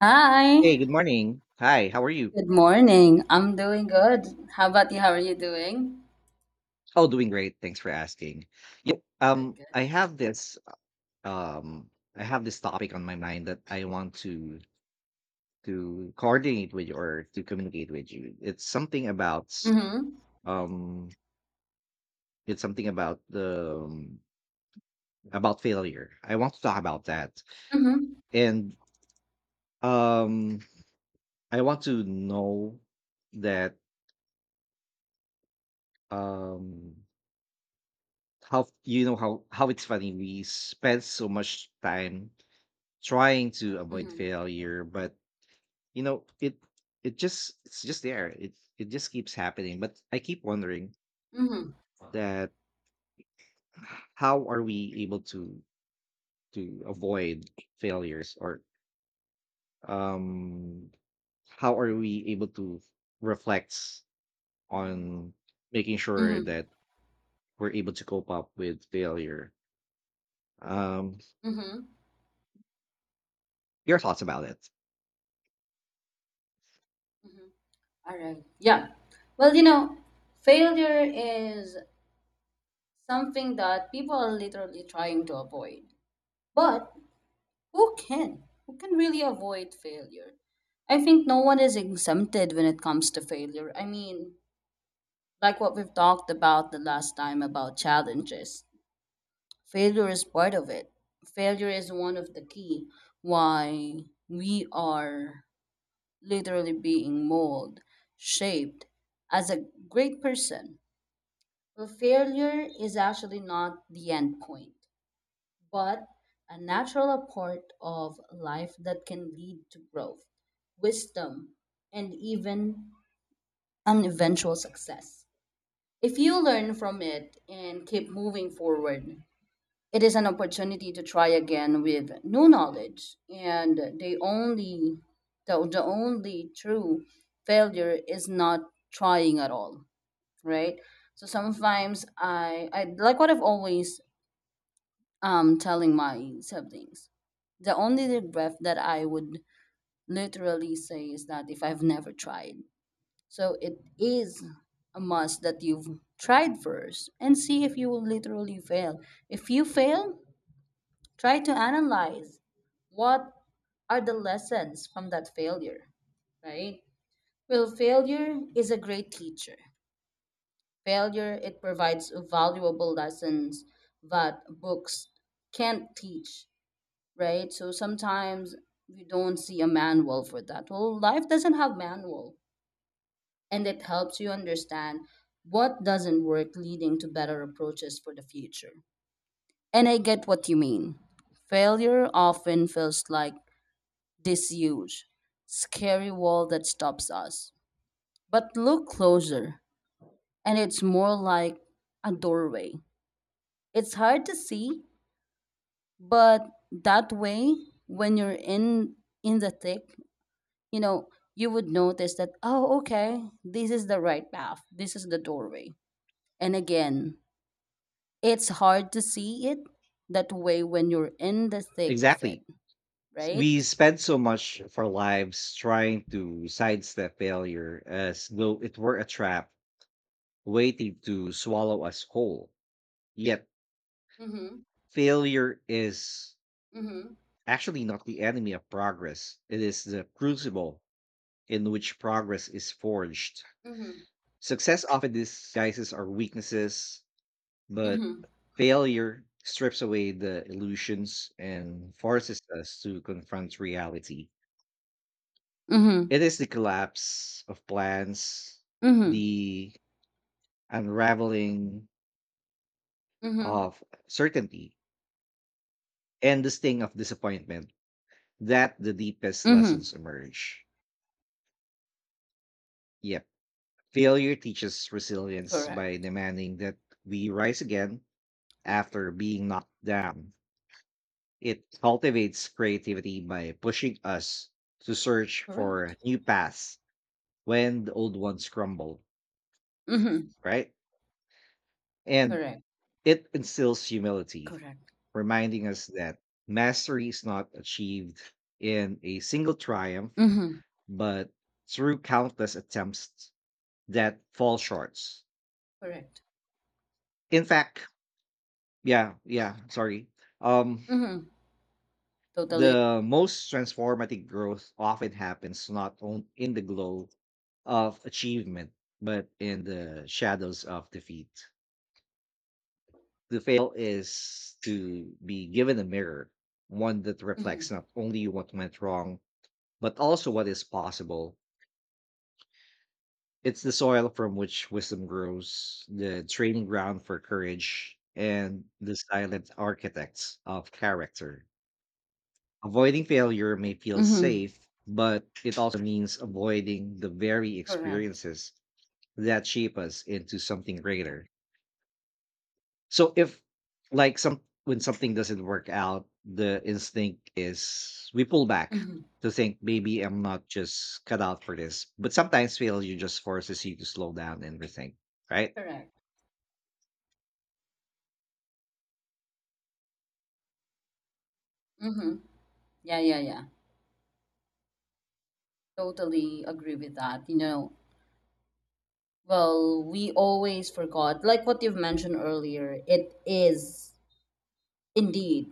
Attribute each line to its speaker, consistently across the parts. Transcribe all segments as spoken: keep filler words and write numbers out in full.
Speaker 1: Hi.
Speaker 2: Hey, good morning. Hi, how are you?
Speaker 1: Good morning. I'm doing good. How about you? How are you doing?
Speaker 2: Oh, doing great. Thanks for asking. Yep.
Speaker 1: Good,
Speaker 2: Um, I
Speaker 1: good.
Speaker 2: have this um I have this topic on my mind that I want to to coordinate with you or to communicate with you. It's something about s-
Speaker 1: Mm-hmm.
Speaker 2: um it's something about the um, about failure. I want to talk about that.
Speaker 1: Mm-hmm.
Speaker 2: And um I want to know that um how you know how how it's funny we spend so much time trying to avoid
Speaker 1: Mm-hmm.
Speaker 2: failure, but you know it it just it's just there it it just keeps happening. But I keep wondering
Speaker 1: Mm-hmm.
Speaker 2: that how are we able to to avoid failures, or um how are we able to reflect on making sure
Speaker 1: Mm-hmm.
Speaker 2: that we're able to cope up with failure um
Speaker 1: Mm-hmm.
Speaker 2: your thoughts about it?
Speaker 1: Mm-hmm. All right. Yeah. Well, you know, failure is something that people are literally trying to avoid. But who can? Who can really avoid failure? I think no one is exempted when it comes to failure. I mean, like what we've talked about the last time about challenges. Failure is part of it. Failure is one of the key why we are literally being molded, shaped as a great person. Well, failure is actually not the end point, but a natural part of life that can lead to growth, wisdom, and even an eventual success if you learn from it and keep moving forward. It is an opportunity to try again with new knowledge, and the only the, the only true failure is not trying at all, right? So sometimes i i like what I've always um telling my siblings, the only regret that I would literally say is that if I've never tried. So it is a must that you've tried first and see if you will literally fail. If you fail, try to analyze what are the lessons from that failure, right? Well, failure is a great teacher. Failure, it provides valuable lessons that books can't teach, right? So sometimes we don't see a manual for that. Well, life doesn't have manual, and it helps you understand what doesn't work, leading to better approaches for the future. And I get what you mean. Failure often feels like disuse, scary wall that stops us. But look closer, and it's more like a doorway. It's hard to see, but that way, when you're in in the thick, you know, you would notice that, oh, okay, this is the right path. This is the doorway. And again, it's hard to see it that way when you're in the thick of it,
Speaker 2: Exactly.
Speaker 1: right?
Speaker 2: We spend so much of our lives trying to sidestep failure as though it were a trap waiting to swallow us whole. Yet,
Speaker 1: Mm-hmm.
Speaker 2: failure is
Speaker 1: Mm-hmm.
Speaker 2: actually not the enemy of progress, it is the crucible in which progress is forged.
Speaker 1: Mm-hmm.
Speaker 2: Success often disguises our weaknesses, but
Speaker 1: Mm-hmm.
Speaker 2: failure strips away the illusions and forces us to confront reality. It is the collapse of plans,
Speaker 1: Mm-hmm.
Speaker 2: the unraveling
Speaker 1: Mm-hmm.
Speaker 2: of certainty, and the sting of disappointment that the deepest
Speaker 1: Mhm.
Speaker 2: lessons emerge. Yep. Failure teaches resilience by
Speaker 1: Correct.
Speaker 2: demanding that we rise again after being knocked down. It cultivates creativity by pushing us to search for
Speaker 1: Correct.
Speaker 2: new paths when the old ones crumble,
Speaker 1: Mhm.
Speaker 2: right? And
Speaker 1: Correct.
Speaker 2: it instills humility,
Speaker 1: Correct.
Speaker 2: reminding us that mastery is not achieved in a single triumph,
Speaker 1: Mhm.
Speaker 2: but through countless attempts that fall short.
Speaker 1: Correct.
Speaker 2: In fact, yeah, yeah, sorry. Um,
Speaker 1: Mhm. Totally.
Speaker 2: the most transformative growth often happens not on, in the glow of achievement, but in the shadows of defeat. To fail is to be given a mirror, one that reflects
Speaker 1: Mhm.
Speaker 2: not only what went wrong, but also what is possible. It's the soil from which wisdom grows, the training ground for courage, and the silent architects of character. Avoiding failure may feel
Speaker 1: Mhm.
Speaker 2: safe, but it also means avoiding the very
Speaker 1: Correct.
Speaker 2: experiences that shape us into something greater. So if like some when something doesn't work out, the instinct is we pull back
Speaker 1: Mhm.
Speaker 2: to think maybe I'm not just cut out for this. But sometimes failure just forces you to slow down and rethink, right?
Speaker 1: Correct. Mhm. Yeah, yeah, yeah. Totally agree with that. You know, well, we always forgot, like what you've mentioned earlier, it is indeed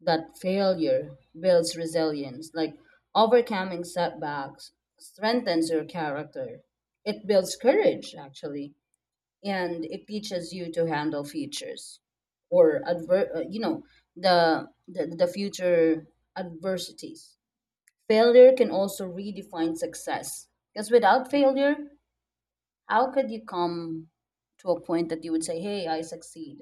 Speaker 1: that failure builds resilience. Like overcoming setbacks strengthens your character. It builds courage, actually, and it teaches you to handle features or adver- uh, you know, the, the the future adversities. Failure can also redefine success, because without failure, how could you come to a point that you would say, hey, I succeed.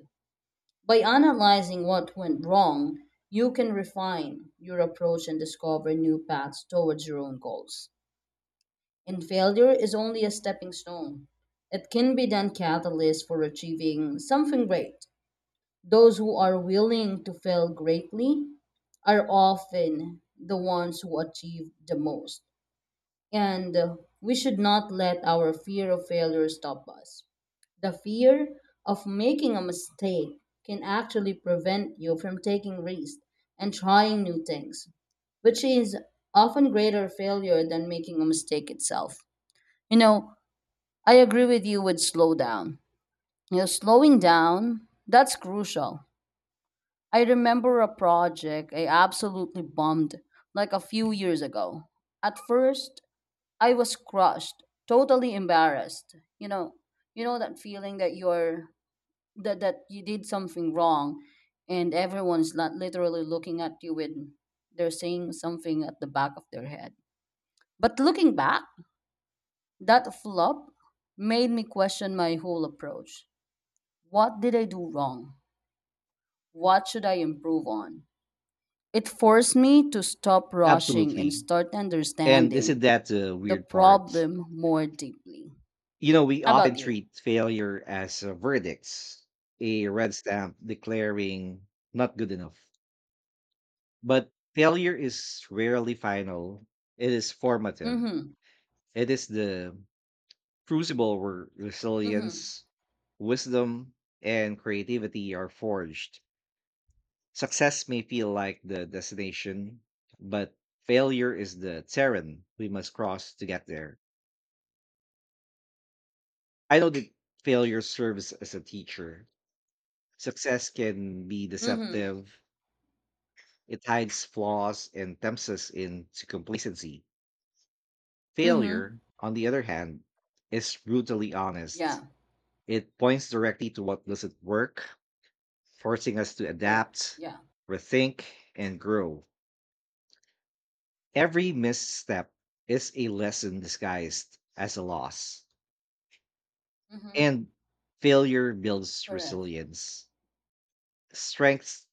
Speaker 1: By analyzing what went wrong, you can refine your approach and discover new paths towards your own goals, and failure is only a stepping stone. It can be then catalyst for achieving something great. Those who are willing to fail greatly are often the ones who achieve the most. And uh, we should not let our fear of failure stop us. The fear of making a mistake can actually prevent you from taking risks and trying new things, which is often greater failure than making a mistake itself. You know, I agree with you with slow down. You know, slowing down, that's crucial. I remember a project I absolutely bombed like a few years ago. At first, I was crushed, totally embarrassed. You know, you know that feeling that you're that that you did something wrong, and everyone's not literally looking at you with they're saying something at the back of their head. But looking back, that flop made me question my whole approach. What did I do wrong? What should I improve on? It forced me to stop rushing and
Speaker 2: Absolutely.
Speaker 1: start
Speaker 2: And isn't
Speaker 1: understanding
Speaker 2: that the
Speaker 1: the
Speaker 2: weird part?
Speaker 1: problem more deeply.
Speaker 2: You know, we
Speaker 1: How
Speaker 2: often
Speaker 1: about you?
Speaker 2: treat failure as a verdict, a red stamp declaring not good enough. But failure is rarely final. It is formative.
Speaker 1: Mm
Speaker 2: It is the crucible where
Speaker 1: hmm. Mm hmm.
Speaker 2: resilience, wisdom, and creativity are forged. Success may feel like the destination, but failure is the terrain we must cross to get there. I know that failure serves as a teacher. Success can be
Speaker 1: Mm hmm.
Speaker 2: deceptive, it hides flaws and tempts us into complacency.
Speaker 1: Mm hmm.
Speaker 2: Failure, on the other hand, is brutally honest.
Speaker 1: Yeah.
Speaker 2: It points directly to what doesn't work, forcing us to
Speaker 1: Correct.
Speaker 2: adapt,
Speaker 1: Yeah.
Speaker 2: rethink, and grow. Every misstep is a lesson disguised as a loss.
Speaker 1: Mm hmm.
Speaker 2: And failure builds
Speaker 1: Correct.
Speaker 2: resilience. Strength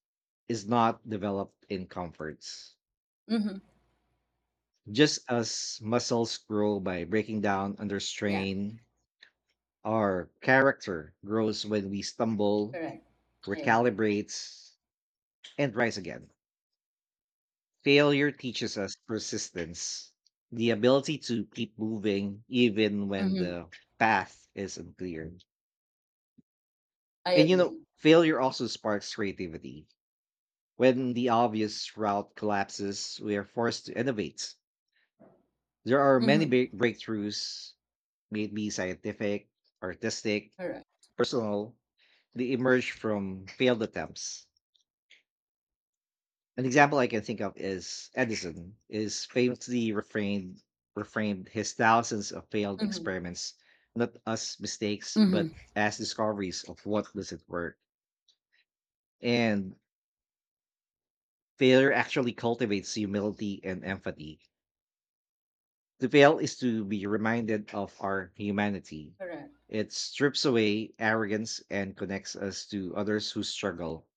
Speaker 2: is not developed in comforts.
Speaker 1: Mm hmm.
Speaker 2: Just as muscles grow by breaking down under
Speaker 1: Yeah.
Speaker 2: strain, our character grows when we stumble,
Speaker 1: Correct. I agree.
Speaker 2: recalibrate, and rise again. Failure teaches us persistence, the ability to keep moving even when
Speaker 1: Mm hmm.
Speaker 2: the path is unclear.
Speaker 1: I
Speaker 2: And you know,
Speaker 1: agree.
Speaker 2: failure also sparks creativity. When the obvious route collapses, we are forced to innovate. There are
Speaker 1: Mm
Speaker 2: many
Speaker 1: hmm.
Speaker 2: big breakthroughs, maybe scientific, artistic,
Speaker 1: Correct.
Speaker 2: personal, they emerge from failed attempts. An example I can think of is Edison is famously reframed reframed his thousands of failed
Speaker 1: Mm hmm.
Speaker 2: experiments not as mistakes
Speaker 1: Mm hmm.
Speaker 2: but as discoveries of what doesn't work. And failure actually cultivates humility and empathy. To fail is to be reminded of our humanity.
Speaker 1: Correct.
Speaker 2: It strips away arrogance and connects us to others who struggle.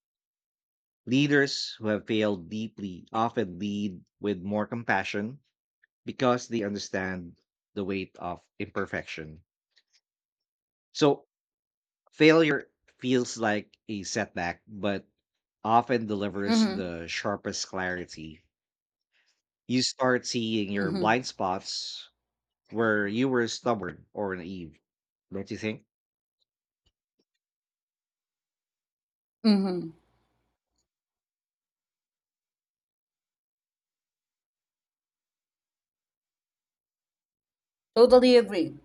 Speaker 2: Leaders who have failed deeply often lead with more compassion because they understand the weight of imperfection. So failure feels like a setback, but often
Speaker 1: Mm
Speaker 2: delivers
Speaker 1: hmm.
Speaker 2: the sharpest clarity. You start seeing your
Speaker 1: Mm hmm.
Speaker 2: blind spots where you were stubborn or naive. Don't you think?
Speaker 1: Mm hmm. Totally agree.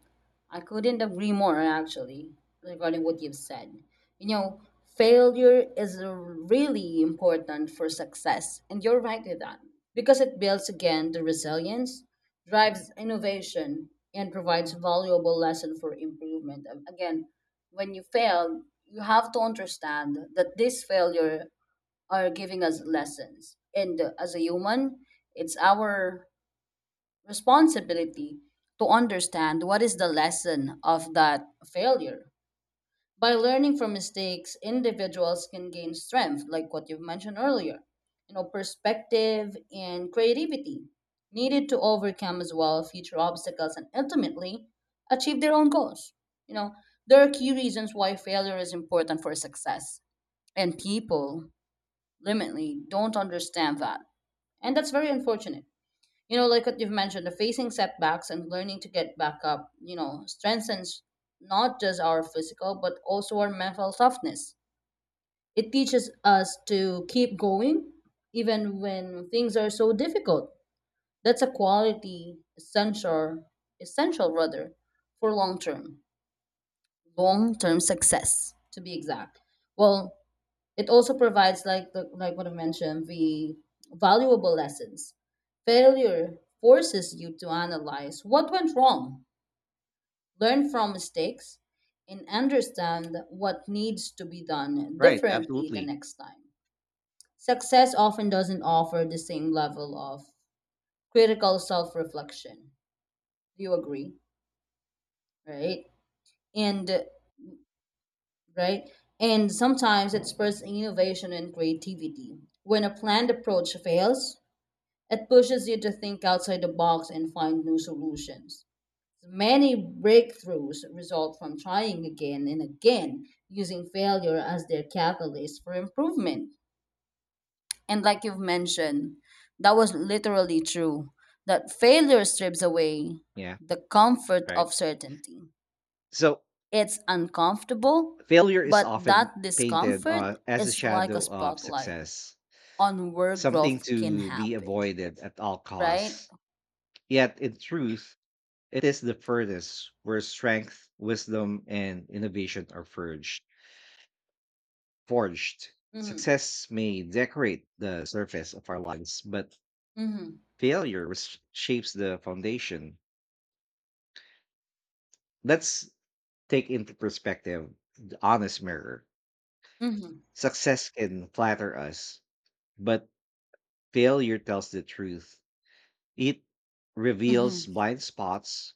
Speaker 1: I couldn't agree more, actually, regarding what you've said. You know, failure is really important for success, and you're right with that, because it builds again the resilience, drives innovation, and provides valuable lesson for improvement. Um, Again, when you fail, you have to understand that this failure are giving us lessons, and uh, as a human, it's our responsibility to understand what is the lesson of that failure. By learning from mistakes, individuals can gain strength, like what you've mentioned earlier, you know, perspective and creativity needed to overcome as well future obstacles and ultimately achieve their own goals. You know, there are key reasons why failure is important for success, and people limitly don't understand that, and that's very unfortunate. You know, like what you've mentioned, the facing setbacks and learning to get back up, you know, strengthens not just our physical but also our mental toughness. It teaches us to keep going even when things are so difficult. That's a quality essential, essential rather, for long term long term success to be exact. Well, it also provides, like the, like what I mentioned, the valuable lessons. Failure forces you to analyze what went wrong, learn from mistakes, and understand what needs to be done
Speaker 2: Right,
Speaker 1: differently the
Speaker 2: absolutely.
Speaker 1: next time. Success often doesn't offer the same level of critical self-reflection. Do you agree? Right? And right? And sometimes it spurs innovation and creativity. When a planned approach fails, it pushes you to think outside the box and find new solutions. Many breakthroughs result from trying again and again, using failure as their catalyst for improvement. And like you've mentioned, that was literally true that failure strips away
Speaker 2: Yeah,
Speaker 1: the comfort
Speaker 2: right.
Speaker 1: of certainty.
Speaker 2: So
Speaker 1: It's uncomfortable,
Speaker 2: failure is
Speaker 1: but
Speaker 2: often
Speaker 1: that
Speaker 2: painted
Speaker 1: discomfort
Speaker 2: uh, as a
Speaker 1: is like a
Speaker 2: shadow of
Speaker 1: spotlight
Speaker 2: success,
Speaker 1: on where
Speaker 2: something
Speaker 1: growth can
Speaker 2: to be
Speaker 1: happen,
Speaker 2: avoided at all
Speaker 1: right?
Speaker 2: costs. Yet, in truth, it is the furnace where strength, wisdom, and innovation are forged. Forged.
Speaker 1: Mm-hmm.
Speaker 2: Success may decorate the surface of our lives, but
Speaker 1: Mm-hmm.
Speaker 2: failure res- shapes the foundation. Let's take into perspective the honest mirror.
Speaker 1: Mm-hmm.
Speaker 2: Success can flatter us, but failure tells the truth. It reveals
Speaker 1: Mhm.
Speaker 2: blind spots,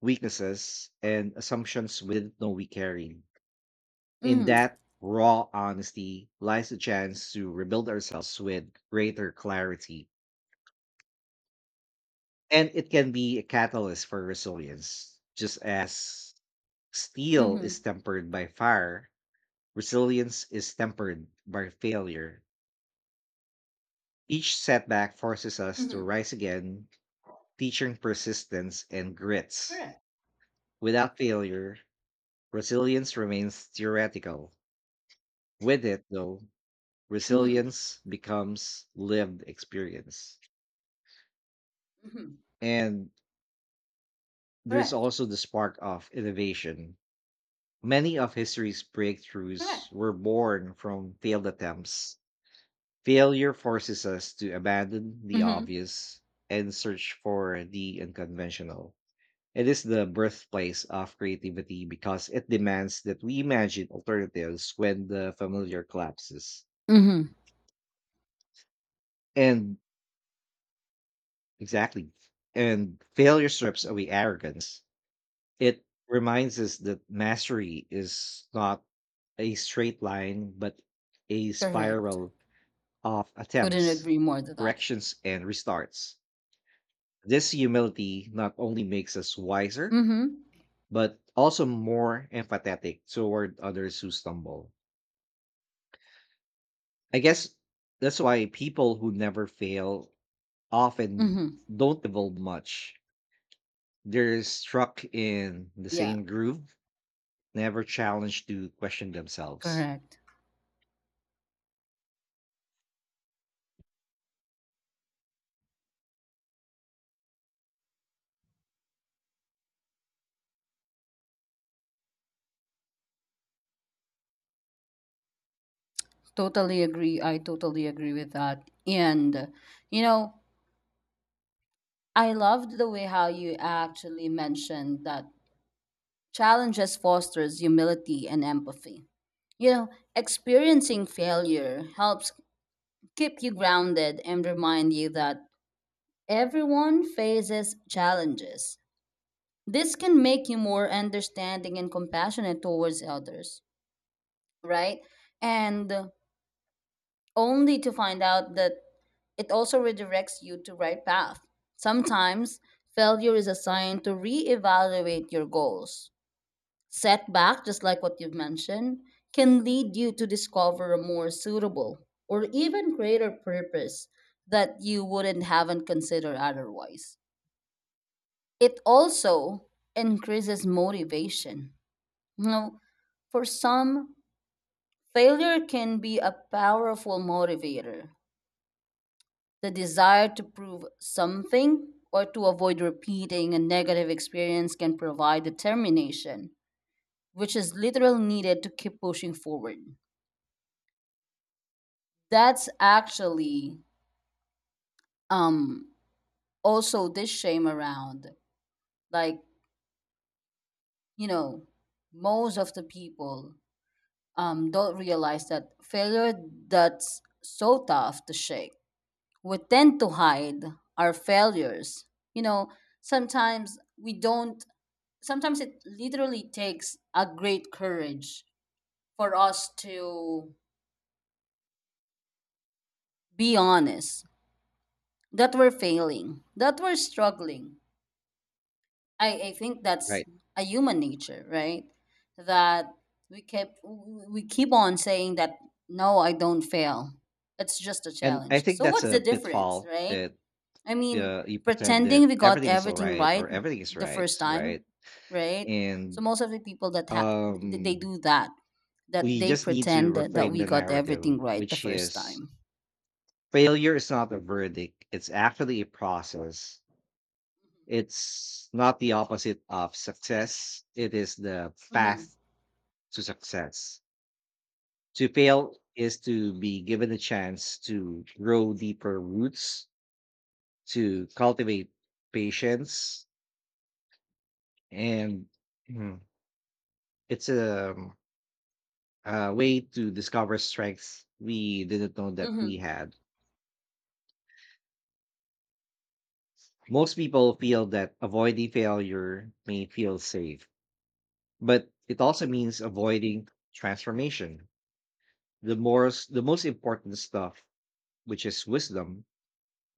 Speaker 2: weaknesses, and assumptions we didn't know we carried. In
Speaker 1: Mhm.
Speaker 2: that raw honesty lies the chance to rebuild ourselves with greater clarity. And it can be a catalyst for resilience. Just as steel is
Speaker 1: Mhm.
Speaker 2: tempered by fire, resilience is tempered by failure. Each setback forces us to
Speaker 1: Mhm.
Speaker 2: rise again, teaching persistence and grits.
Speaker 1: Correct.
Speaker 2: Without failure, resilience remains theoretical. With it, though,
Speaker 1: Mhm.
Speaker 2: resilience becomes lived experience.
Speaker 1: Mhm.
Speaker 2: And there's
Speaker 1: Correct.
Speaker 2: also the spark of innovation. Many of history's
Speaker 1: Correct.
Speaker 2: breakthroughs were born from failed attempts. Failure forces us to abandon the
Speaker 1: Mhm.
Speaker 2: obvious and search for the unconventional. It is the birthplace of creativity because it demands that we imagine alternatives when the familiar collapses.
Speaker 1: Mhm.
Speaker 2: And exactly. And failure strips away arrogance. It reminds us that mastery is not a straight line, but a
Speaker 1: Correct.
Speaker 2: spiral of
Speaker 1: Couldn't
Speaker 2: attempts,
Speaker 1: agree more to that.
Speaker 2: corrections, and restarts. This humility not only makes us wiser,
Speaker 1: Mhm.
Speaker 2: but also more empathetic toward others who stumble. I guess that's why people who never fail often
Speaker 1: Mhm.
Speaker 2: don't evolve much. They're stuck in the
Speaker 1: Yeah.
Speaker 2: same groove, never challenged to question themselves.
Speaker 1: Correct. Totally agree. I totally agree with that. And you know, I loved the way how you actually mentioned that challenges fosters humility and empathy. You know, experiencing failure helps keep you grounded and remind you that everyone faces challenges. This can make you more understanding and compassionate towards others, right? And only to find out that it also redirects you to right path. Sometimes failure is a sign to reevaluate your goals. Setback, just like what you've mentioned, can lead you to discover a more suitable or even greater purpose that you wouldn't haven't considered otherwise. It also increases motivation. You know, for some, failure can be a powerful motivator. The desire to prove something or to avoid repeating a negative experience can provide determination, which is literally needed to keep pushing forward. That's actually, um, also this shame around. Like, you know, most of the people um, don't realize that failure that's so tough to shake. We tend to hide our failures. You know, sometimes we don't, sometimes it literally takes a great courage for us to be honest that we're failing, that we're struggling. I, I think that's
Speaker 2: Right.
Speaker 1: a human nature, right? That we kept we keep on saying that no, I don't fail. It's just a
Speaker 2: And I
Speaker 1: challenge.
Speaker 2: think
Speaker 1: So
Speaker 2: that's
Speaker 1: what's
Speaker 2: a
Speaker 1: the difference,
Speaker 2: pitfall
Speaker 1: right?
Speaker 2: that
Speaker 1: I mean,
Speaker 2: uh, you pretend that
Speaker 1: pretending we got
Speaker 2: everything is all
Speaker 1: everything
Speaker 2: right, or
Speaker 1: right
Speaker 2: everything is
Speaker 1: the
Speaker 2: right,
Speaker 1: first
Speaker 2: right?
Speaker 1: time, right? So
Speaker 2: And
Speaker 1: most of the people that ha- th- they
Speaker 2: um,
Speaker 1: do that, that
Speaker 2: we
Speaker 1: they
Speaker 2: just need to
Speaker 1: pretend that, that
Speaker 2: reframe
Speaker 1: we
Speaker 2: the
Speaker 1: got everything
Speaker 2: narrative,
Speaker 1: right the
Speaker 2: which
Speaker 1: first
Speaker 2: is
Speaker 1: time.
Speaker 2: failure is not a verdict, it's actually a process. It's not the opposite of success, it is the
Speaker 1: Mm-hmm.
Speaker 2: path to success. To fail is to be given a chance to grow deeper roots, to cultivate patience. And mm, it's a, um, a way to discover strengths we didn't know that we
Speaker 1: Mm-hmm.
Speaker 2: had. Most people feel that avoiding failure may feel safe, but it also means avoiding transformation. The most, the most important stuff, which is wisdom,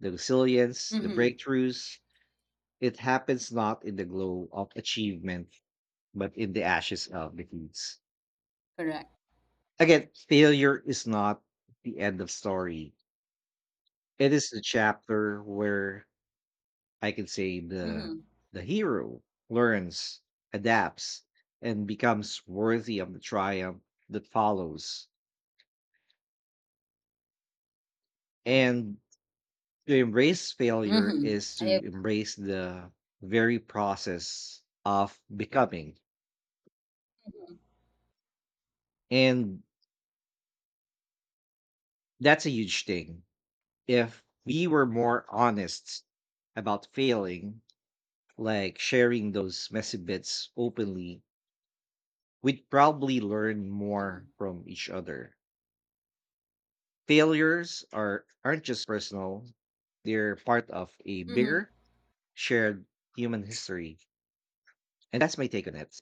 Speaker 2: the resilience, the
Speaker 1: Mm-hmm.
Speaker 2: breakthroughs, it happens not in the glow of achievement, but in the ashes of defeats.
Speaker 1: Correct.
Speaker 2: Again, failure is not the end of story. It is the chapter where I can say the
Speaker 1: Mm-hmm.
Speaker 2: the hero learns, adapts, and becomes worthy of the triumph that follows. And to embrace failure
Speaker 1: Mm-hmm.
Speaker 2: is
Speaker 1: I
Speaker 2: to
Speaker 1: agree.
Speaker 2: embrace the very process of becoming. And that's a huge thing. If we were more honest about failing, like sharing those messy bits openly, we'd probably learn
Speaker 1: Mm-hmm.
Speaker 2: more from each other. Failures are aren't just personal, they're part of a
Speaker 1: Mm-hmm.
Speaker 2: bigger shared human history. And that's my take on it.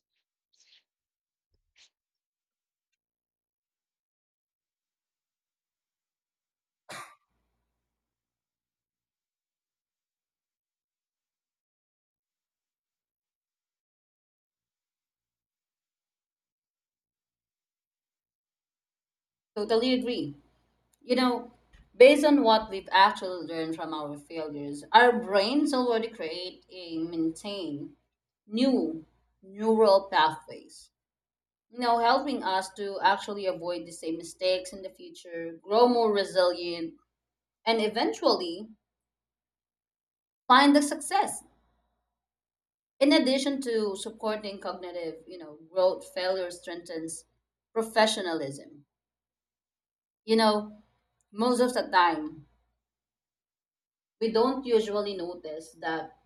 Speaker 1: Totally agree. You know, based on what we've actually learned from our failures, our brains already create and maintain new neural pathways, you know, helping us to actually avoid the same mistakes in the future, grow more resilient, and eventually find the success. In addition to supporting cognitive, you know, growth, failure strengthens professionalism. You know, most of the time, we don't usually notice that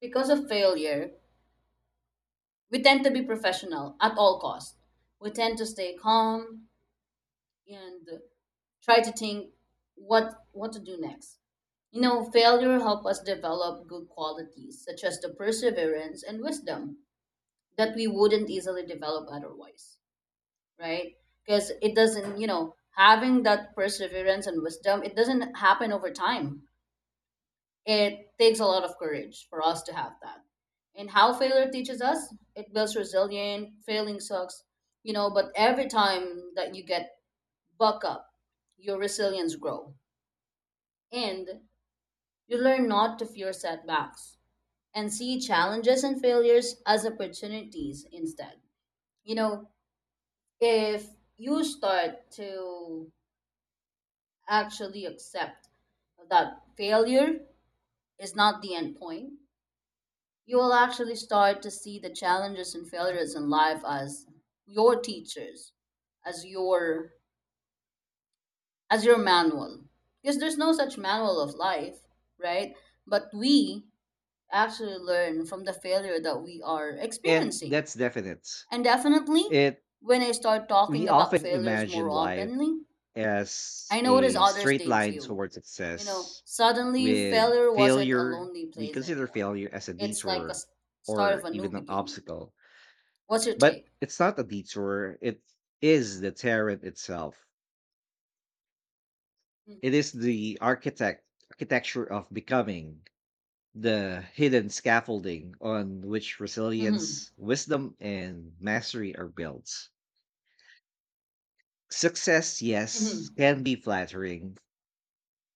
Speaker 1: because of failure, we tend to be professional at all costs. We tend to stay calm and try to think what what to do next. You know, failure help us develop good qualities such as the perseverance and wisdom that we wouldn't easily develop otherwise, right? Because it doesn't, you know, having that perseverance and wisdom, it doesn't happen over time. It takes a lot of courage for us to have that. And how failure teaches us, it builds resilience, failing sucks, you know, but every time that you get buck up, your resilience grow. And you learn not to fear setbacks and see challenges and failures as opportunities instead. You know, if you start to actually accept that failure is not the end point, you will actually start to see the challenges and failures in life as your teachers, as your, as your manual. Because there's no such manual of life, right? But we actually learn from the failure that we are
Speaker 2: And
Speaker 1: experiencing.
Speaker 2: that's definite.
Speaker 1: And definitely
Speaker 2: It
Speaker 1: when I start talking
Speaker 2: We
Speaker 1: about
Speaker 2: often
Speaker 1: failures more
Speaker 2: imagine life
Speaker 1: openly,
Speaker 2: as
Speaker 1: I notice
Speaker 2: a
Speaker 1: others
Speaker 2: straight
Speaker 1: did
Speaker 2: line
Speaker 1: too.
Speaker 2: towards
Speaker 1: You know,
Speaker 2: success
Speaker 1: suddenly
Speaker 2: with
Speaker 1: failure wasn't a
Speaker 2: failure.
Speaker 1: lonely
Speaker 2: We
Speaker 1: place
Speaker 2: consider
Speaker 1: anymore.
Speaker 2: failure as a
Speaker 1: It's like a
Speaker 2: detour
Speaker 1: s- start
Speaker 2: or
Speaker 1: of a new
Speaker 2: even an
Speaker 1: beginning.
Speaker 2: obstacle.
Speaker 1: What's your
Speaker 2: But
Speaker 1: take?
Speaker 2: it's not a detour, it is the terrain itself. It
Speaker 1: Mm,
Speaker 2: is the architect architecture of becoming, the hidden scaffolding on which
Speaker 1: mhm,
Speaker 2: resilience, wisdom, and mastery are built. Success, yes,
Speaker 1: mhm,
Speaker 2: can be flattering,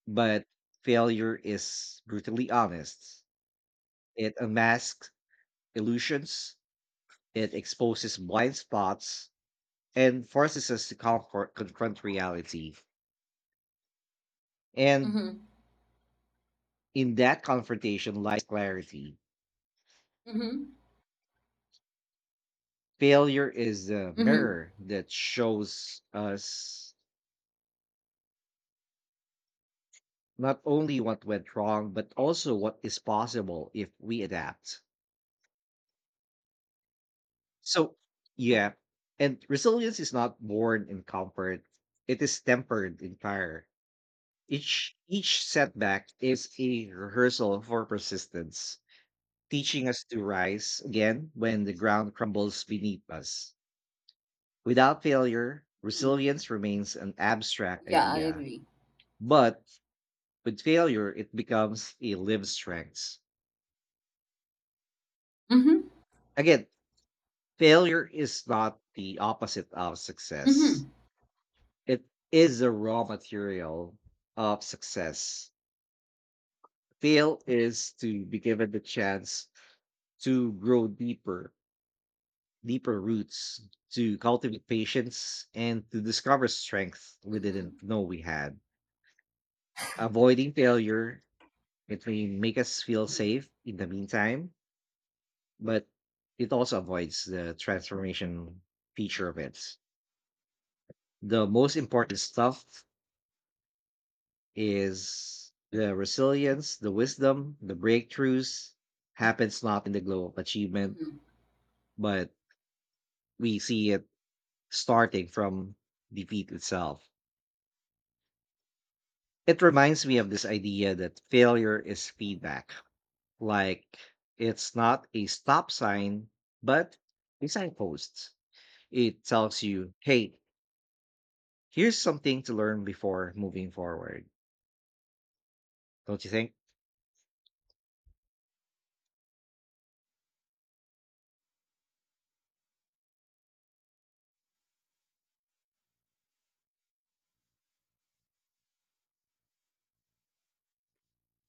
Speaker 2: but failure is brutally honest. It unmasks illusions, it exposes blind spots, and forces us to comfort, confront reality. And
Speaker 1: mhm,
Speaker 2: in that confrontation lies clarity.
Speaker 1: mhm,
Speaker 2: Failure is the
Speaker 1: mhm,
Speaker 2: mirror that shows us not only what went wrong, but also what is possible if we adapt. So, yeah, and resilience is not born in comfort, it is tempered in fire. Each, each setback is a rehearsal for persistence, teaching us to rise again when the ground crumbles beneath us. Without failure,
Speaker 1: mhm.
Speaker 2: resilience remains an abstract
Speaker 1: Yeah, I
Speaker 2: idea,
Speaker 1: agree.
Speaker 2: but with failure, it becomes a live strength.
Speaker 1: Mhm,
Speaker 2: Again, failure is not the opposite of success.
Speaker 1: mhm,
Speaker 2: It is the raw material of success. Fail is to be given the chance to grow deeper, deeper roots, to cultivate patience, and to discover strength we
Speaker 1: mhm,
Speaker 2: didn't know we had. Avoiding failure, it may make us feel
Speaker 1: mhm,
Speaker 2: safe in the meantime, but it also avoids the transformation feature of it. The most important stuff is the resilience, the wisdom, the breakthroughs happens not in the glow of achievement,
Speaker 1: mhm,
Speaker 2: but we see it starting from defeat itself. It reminds me of this idea that failure is feedback. Like it's not a stop sign, but a signpost. It tells you, hey, here's something to learn before moving forward, don't you think?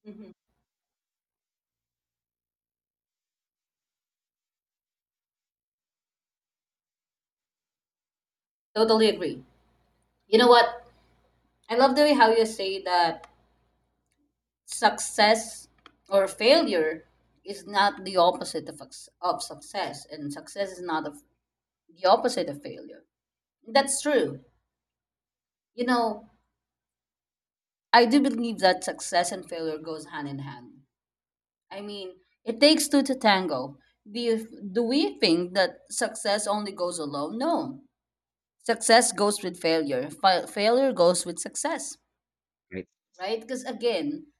Speaker 1: mhm. Totally agree. You know what? I love the way how you say that success or failure is not the opposite of, ex- of success, and success is not of the opposite of failure. That's true. You know, I do believe that success and failure goes hand in hand. I mean, it takes two to tango. Do you, do we think that success only goes alone? No. Success goes with failure. Fa- failure goes with success,
Speaker 2: Right.
Speaker 1: right? Because again,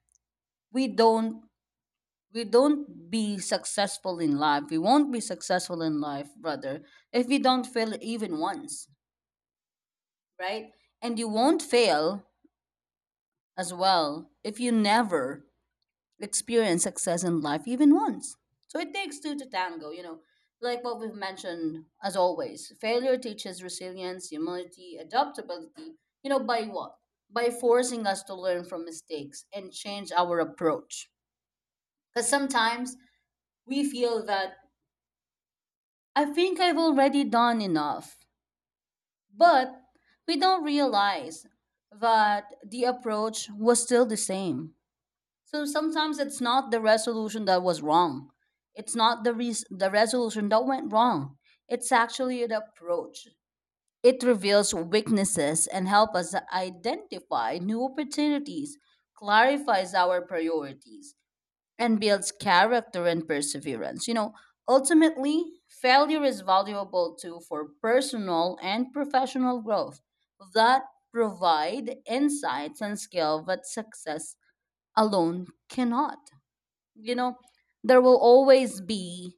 Speaker 1: we don't we don't be successful in life. We won't be successful in life, brother, if we don't fail even once, right? And you won't fail as well if you never experience success in life even once. So it takes two to tango, you know. Like what we've mentioned, as always, failure teaches resilience, humility, adaptability, you know, by what? By forcing us to learn from mistakes and change our approach. Because sometimes we feel that I think I've already done enough, but we don't realize that the approach was still the same. So sometimes it's not the resolution that was wrong. It's not the res- the resolution that went wrong. It's actually an approach. It reveals weaknesses and help us identify new opportunities, clarifies our priorities, and builds character and perseverance. You know, ultimately, failure is valuable too for personal and professional growth that provide insights and skill that success alone cannot. You know, there will always be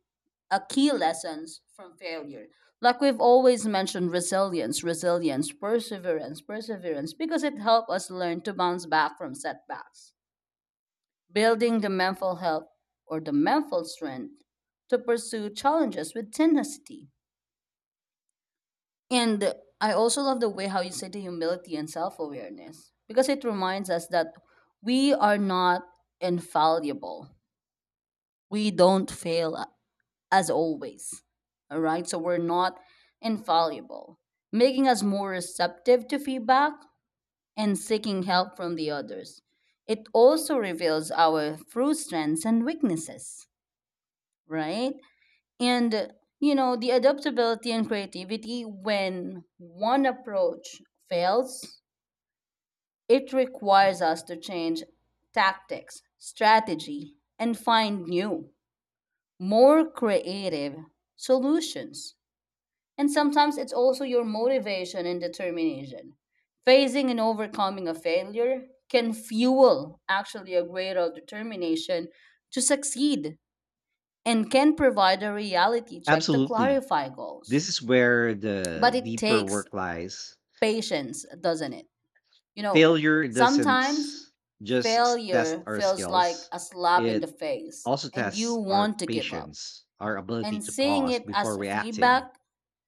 Speaker 1: a key lessons from failure, like we've always mentioned, resilience, resilience, perseverance, perseverance, because it helped us learn to bounce back from setbacks, building the mental health or the mental strength to pursue challenges with tenacity. And I also love the way how you say the humility and self awareness, because it reminds us that we are not infallible. We don't fail as always. All right, so we're not infallible, making us more receptive to feedback and seeking help from the others. It also reveals our true strengths and weaknesses, right? And you know, the adaptability and creativity, when one approach fails, it requires us to change tactics, strategy, and find new, more creative solutions. And sometimes it's also your motivation and determination. Facing and overcoming a failure can fuel actually a greater determination to succeed and can provide a reality check to
Speaker 2: Absolutely.
Speaker 1: clarify goals.
Speaker 2: This is where
Speaker 1: But
Speaker 2: the
Speaker 1: it
Speaker 2: deeper
Speaker 1: takes
Speaker 2: work lies.
Speaker 1: patience, doesn't it? You know,
Speaker 2: Failure doesn't
Speaker 1: sometimes
Speaker 2: just s- test
Speaker 1: failure
Speaker 2: our
Speaker 1: feels like
Speaker 2: skills,
Speaker 1: a slap in the
Speaker 2: it
Speaker 1: face
Speaker 2: also
Speaker 1: and you
Speaker 2: tests our
Speaker 1: want to give up.
Speaker 2: patience, our ability
Speaker 1: And
Speaker 2: to
Speaker 1: seeing
Speaker 2: pause
Speaker 1: it
Speaker 2: before
Speaker 1: as
Speaker 2: reacting,
Speaker 1: feedback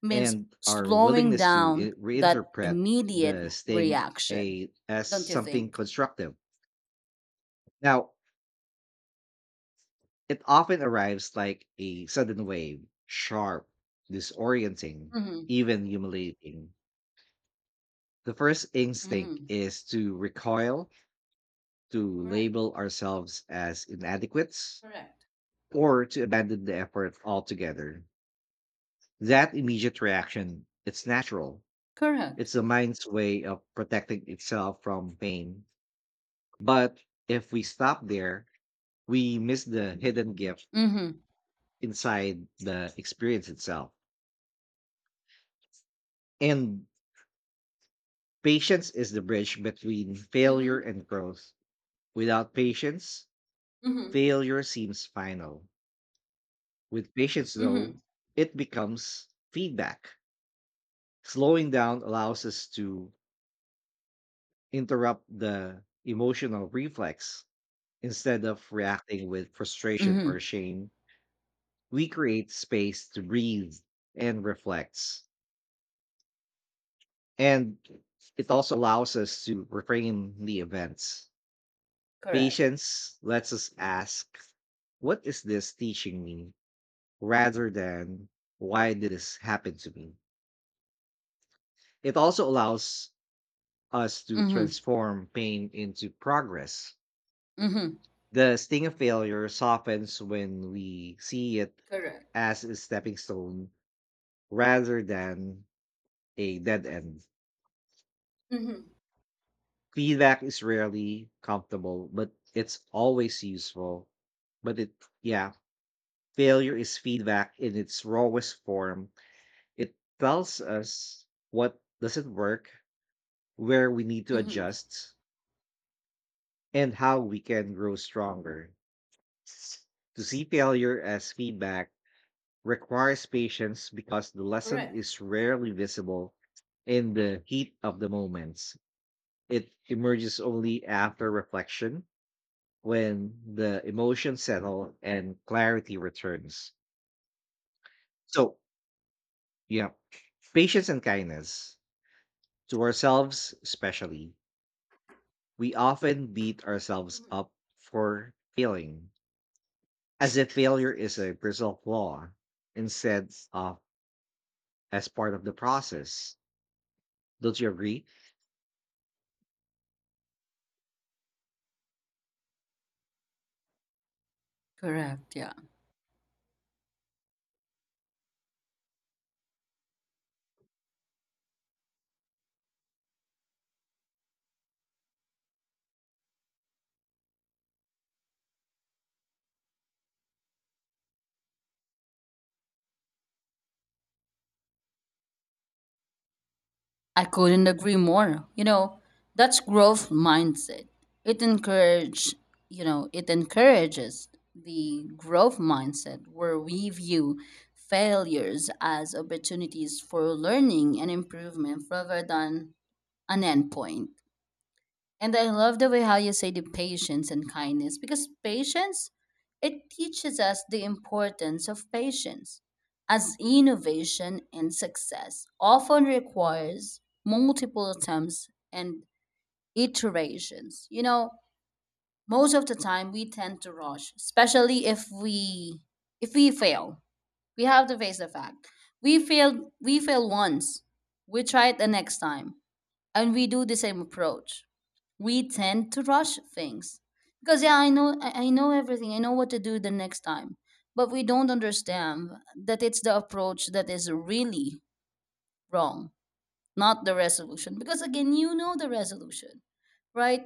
Speaker 1: means
Speaker 2: and our
Speaker 1: slowing
Speaker 2: willingness to
Speaker 1: down
Speaker 2: i-
Speaker 1: that
Speaker 2: reinterpret
Speaker 1: immediate
Speaker 2: the sting
Speaker 1: reaction.
Speaker 2: a, as
Speaker 1: Don't you
Speaker 2: something
Speaker 1: think?
Speaker 2: constructive. Now, it often arrives like a sudden wave, sharp, disorienting,
Speaker 1: Mm-hmm.
Speaker 2: even humiliating. The first instinct
Speaker 1: Mm-hmm.
Speaker 2: is to recoil, to
Speaker 1: Correct.
Speaker 2: label ourselves as inadequate,
Speaker 1: Correct.
Speaker 2: or to abandon the effort altogether. That immediate reaction, it's natural.
Speaker 1: Correct.
Speaker 2: It's the mind's way of protecting itself from pain. But if we stop there, we miss the hidden gift
Speaker 1: Mm-hmm.
Speaker 2: inside the experience itself. And patience is the bridge between failure
Speaker 1: Mm-hmm.
Speaker 2: and growth. Without patience,
Speaker 1: Mm-hmm.
Speaker 2: failure seems final. With patience, though,
Speaker 1: Mm-hmm.
Speaker 2: it becomes feedback. Slowing down allows us to interrupt the emotional reflex. Instead of reacting with frustration or
Speaker 1: Mm-hmm.
Speaker 2: shame, we create space to breathe and reflect. And it also allows us to reframe the events.
Speaker 1: Correct.
Speaker 2: Patience lets us ask, "What is this teaching me?" rather than "Why did this happen to me?" It also allows us to
Speaker 1: Mm-hmm.
Speaker 2: transform pain into progress.
Speaker 1: Mm-hmm.
Speaker 2: The sting of failure softens when we see it
Speaker 1: Correct.
Speaker 2: as a stepping stone rather than a dead end.
Speaker 1: Mm-hmm.
Speaker 2: Feedback is rarely comfortable, but it's always useful. But it, yeah, failure is feedback in its rawest form. It tells us what doesn't work, where we need to
Speaker 1: Mm-hmm.
Speaker 2: adjust, and how we can grow stronger. To see failure as feedback requires patience because the lesson
Speaker 1: Correct.
Speaker 2: is rarely visible in the heat of the moments. It emerges only after reflection when the emotions settle and clarity returns. So, yeah, patience and kindness to ourselves, especially. We often beat ourselves
Speaker 1: Mm-hmm.
Speaker 2: up for failing, as if failure is a personal flaw instead of as part of the process. Don't you agree?
Speaker 1: Correct. Yeah. I couldn't agree more. You know, that's growth mindset. It encourage, you know, it encourages the growth mindset where we view failures as opportunities for learning and improvement rather than an endpoint. And I love the way how you say the patience and kindness, because patience, it teaches us the importance of patience as innovation and success often requires multiple attempts and iterations. You know, most of the time we tend to rush, especially if we if we fail. We have to face the fact. We failed we fail once. We try it the next time and we do the same approach, we tend to rush things because yeah, i know i I know everything, I know what to do the next time, but we don't understand that it's the approach that is really wrong, not the resolution, because again, you know, the resolution, right?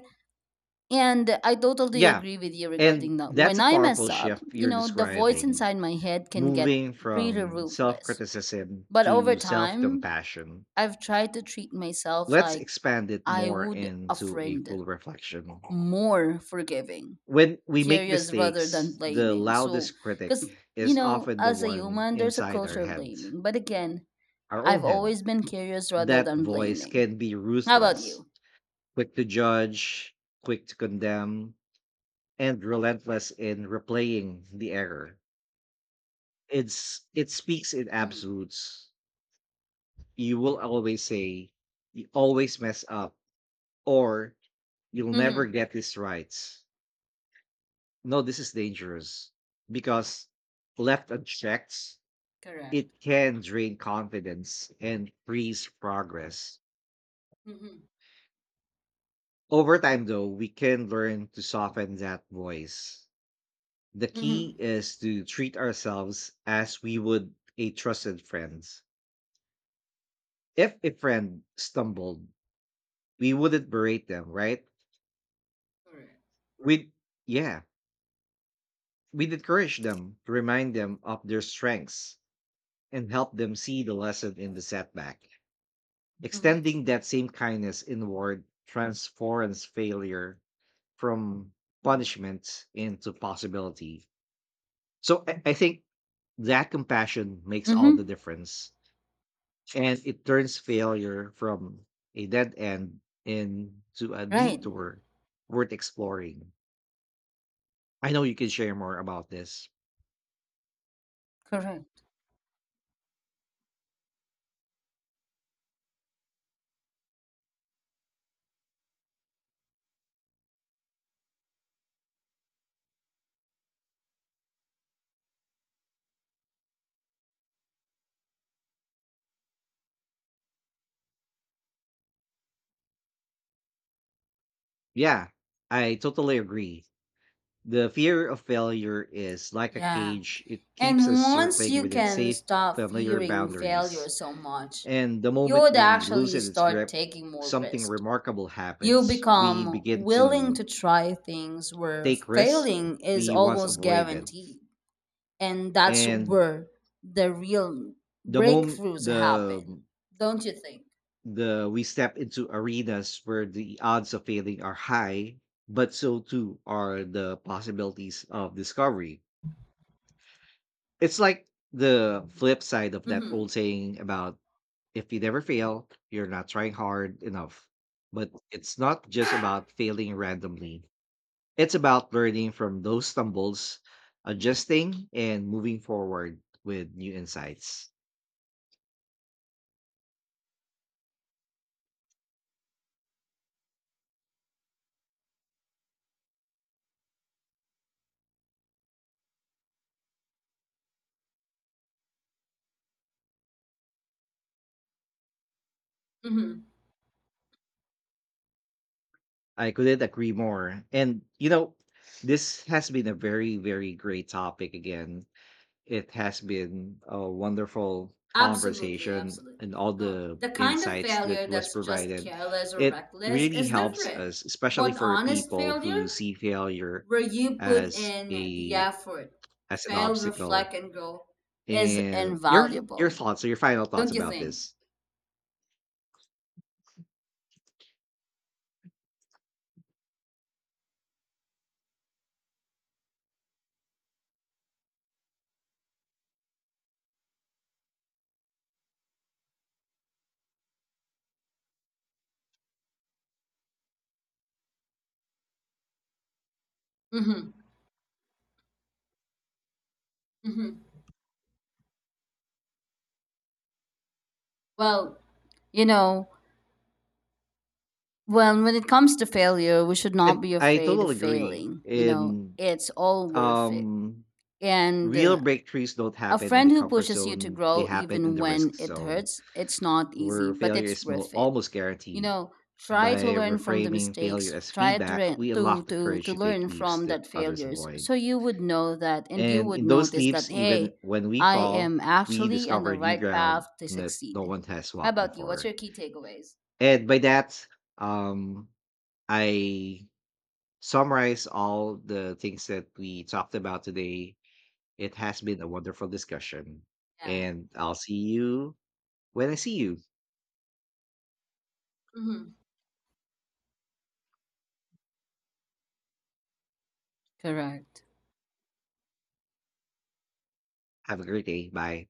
Speaker 1: And I totally
Speaker 2: Yeah.
Speaker 1: agree with you
Speaker 2: And
Speaker 1: regarding that.
Speaker 2: that's
Speaker 1: When
Speaker 2: a
Speaker 1: I
Speaker 2: powerful
Speaker 1: mess up,
Speaker 2: shift
Speaker 1: you
Speaker 2: you're
Speaker 1: know, the voice
Speaker 2: describing,
Speaker 1: inside my head can get
Speaker 2: moving
Speaker 1: pretty
Speaker 2: from self
Speaker 1: ruthless,
Speaker 2: criticism
Speaker 1: but over
Speaker 2: to self
Speaker 1: time
Speaker 2: compassion.
Speaker 1: I've tried to treat myself
Speaker 2: Let's
Speaker 1: like
Speaker 2: expand it
Speaker 1: I
Speaker 2: more
Speaker 1: would a
Speaker 2: into a
Speaker 1: friend,
Speaker 2: full reflection.
Speaker 1: more forgiving,
Speaker 2: When we make
Speaker 1: curious rather than
Speaker 2: mistakes, the
Speaker 1: blaming. So,
Speaker 2: loudest critic
Speaker 1: because, you
Speaker 2: is
Speaker 1: know,
Speaker 2: often the
Speaker 1: as a
Speaker 2: one
Speaker 1: human, there's a
Speaker 2: inside our
Speaker 1: culture of
Speaker 2: head,
Speaker 1: blaming. But again,
Speaker 2: our own
Speaker 1: I've
Speaker 2: head.
Speaker 1: always been curious rather
Speaker 2: That
Speaker 1: than
Speaker 2: voice
Speaker 1: blaming.
Speaker 2: can be
Speaker 1: How about
Speaker 2: ruthless,
Speaker 1: you?
Speaker 2: quick to judge, quick to condemn, and relentless in replaying the error. It's it speaks in
Speaker 1: Mm-hmm.
Speaker 2: absolutes. You will always say, you always mess up, or you'll never
Speaker 1: Mm-hmm.
Speaker 2: get this right. No, this is dangerous because, left unchecked,
Speaker 1: Correct.
Speaker 2: it can drain confidence and freeze progress.
Speaker 1: Mm-hmm.
Speaker 2: Over time, though, we can learn to soften that voice. The
Speaker 1: Mm-hmm.
Speaker 2: key is to treat ourselves as we would a trusted friends. If a friend stumbled, we wouldn't berate them, right?
Speaker 1: Correct.
Speaker 2: We'd, yeah, we'd encourage them to remind them of their strengths and help them see the lesson in the setback.
Speaker 1: Mm-hmm.
Speaker 2: Extending that same kindness inward transforms failure from punishment into possibility. So I, I think that compassion makes all the
Speaker 1: Mm-hmm.
Speaker 2: difference and it turns failure from a dead end into a
Speaker 1: Right.
Speaker 2: detour worth exploring. I know you can share more about this.
Speaker 1: Correct.
Speaker 2: Yeah, I totally agree. The fear of failure is like a
Speaker 1: Yeah.
Speaker 2: cage, it keeps us
Speaker 1: And once
Speaker 2: circling
Speaker 1: you
Speaker 2: within
Speaker 1: can
Speaker 2: safe,
Speaker 1: stop
Speaker 2: familiar
Speaker 1: fearing
Speaker 2: boundaries.
Speaker 1: failure so much,
Speaker 2: And the
Speaker 1: you
Speaker 2: moment
Speaker 1: would
Speaker 2: we
Speaker 1: actually
Speaker 2: loosen its
Speaker 1: start
Speaker 2: grip,
Speaker 1: taking more
Speaker 2: something
Speaker 1: risk.
Speaker 2: remarkable
Speaker 1: You
Speaker 2: happens. We
Speaker 1: become
Speaker 2: begin
Speaker 1: willing
Speaker 2: to
Speaker 1: to try things where
Speaker 2: take risks
Speaker 1: failing is
Speaker 2: we once
Speaker 1: almost
Speaker 2: avoided.
Speaker 1: guaranteed. And that's
Speaker 2: And
Speaker 1: where the real
Speaker 2: the moment
Speaker 1: breakthroughs
Speaker 2: the
Speaker 1: happen, don't you think?
Speaker 2: the we step into arenas where the odds of failing are high, but so too are the possibilities of discovery. It's like the flip side of that
Speaker 1: Mm-hmm.
Speaker 2: old saying about if you never fail, you're not trying hard enough. But it's not just about failing randomly. It's about learning from those stumbles, adjusting, and moving forward with new insights.
Speaker 1: Mm-hmm.
Speaker 2: I couldn't agree more. And you know, this has been a very, very great topic again. It has been a wonderful
Speaker 1: Absolutely,
Speaker 2: conversation
Speaker 1: absolutely.
Speaker 2: and all
Speaker 1: No,
Speaker 2: the
Speaker 1: the kind of
Speaker 2: insights that
Speaker 1: failure
Speaker 2: was
Speaker 1: that's just
Speaker 2: provided.
Speaker 1: careless or
Speaker 2: It
Speaker 1: reckless
Speaker 2: really
Speaker 1: is
Speaker 2: helps
Speaker 1: different.
Speaker 2: us, especially
Speaker 1: But
Speaker 2: for
Speaker 1: honest
Speaker 2: people
Speaker 1: failure,
Speaker 2: who see failure
Speaker 1: where you put
Speaker 2: as
Speaker 1: in the
Speaker 2: a
Speaker 1: effort,
Speaker 2: as an
Speaker 1: fail,
Speaker 2: obstacle.
Speaker 1: reflect, and grow, is
Speaker 2: And your your
Speaker 1: invaluable.
Speaker 2: thoughts, or your final thoughts
Speaker 1: Don't you
Speaker 2: about
Speaker 1: think?
Speaker 2: this.
Speaker 1: Mm-hmm. Mm-hmm. Well, you know, when when it comes to failure, we should not
Speaker 2: And
Speaker 1: be
Speaker 2: I
Speaker 1: afraid of
Speaker 2: totally agree
Speaker 1: failing. You know,
Speaker 2: in
Speaker 1: it's all worth it.
Speaker 2: um
Speaker 1: And
Speaker 2: real
Speaker 1: uh,
Speaker 2: breakthroughs don't
Speaker 1: a
Speaker 2: happen in the
Speaker 1: friend who
Speaker 2: comfort
Speaker 1: pushes you to
Speaker 2: zone, they
Speaker 1: grow
Speaker 2: happen in
Speaker 1: even
Speaker 2: the risk
Speaker 1: when it
Speaker 2: zone,
Speaker 1: hurts, it's not easy,
Speaker 2: where
Speaker 1: but
Speaker 2: failure
Speaker 1: it's
Speaker 2: is mo-
Speaker 1: worth it.
Speaker 2: almost
Speaker 1: You
Speaker 2: guaranteed.
Speaker 1: know, try to
Speaker 2: By
Speaker 1: learn from the
Speaker 2: reframing failure
Speaker 1: mistakes,
Speaker 2: as
Speaker 1: try to re-
Speaker 2: feedback, we
Speaker 1: to
Speaker 2: unlock the
Speaker 1: to
Speaker 2: courage
Speaker 1: to
Speaker 2: to take
Speaker 1: learn
Speaker 2: leaps
Speaker 1: from
Speaker 2: that
Speaker 1: that
Speaker 2: others
Speaker 1: failures.
Speaker 2: avoid.
Speaker 1: So you would know that, and you
Speaker 2: And
Speaker 1: would
Speaker 2: in those
Speaker 1: notice
Speaker 2: leaps,
Speaker 1: that,
Speaker 2: even
Speaker 1: hey,
Speaker 2: when we
Speaker 1: I
Speaker 2: fall,
Speaker 1: am
Speaker 2: we
Speaker 1: actually on
Speaker 2: discover
Speaker 1: the
Speaker 2: new
Speaker 1: right
Speaker 2: ground
Speaker 1: path to
Speaker 2: that no
Speaker 1: succeed.
Speaker 2: one has
Speaker 1: How
Speaker 2: walked
Speaker 1: about you? What's
Speaker 2: before.
Speaker 1: your key takeaways?
Speaker 2: And by that, um, I summarize all the things that we talked about today. It has been a wonderful discussion,
Speaker 1: Yeah.
Speaker 2: and I'll see you when I see you.
Speaker 1: Mhm. Correct.
Speaker 2: Have a great day. Bye.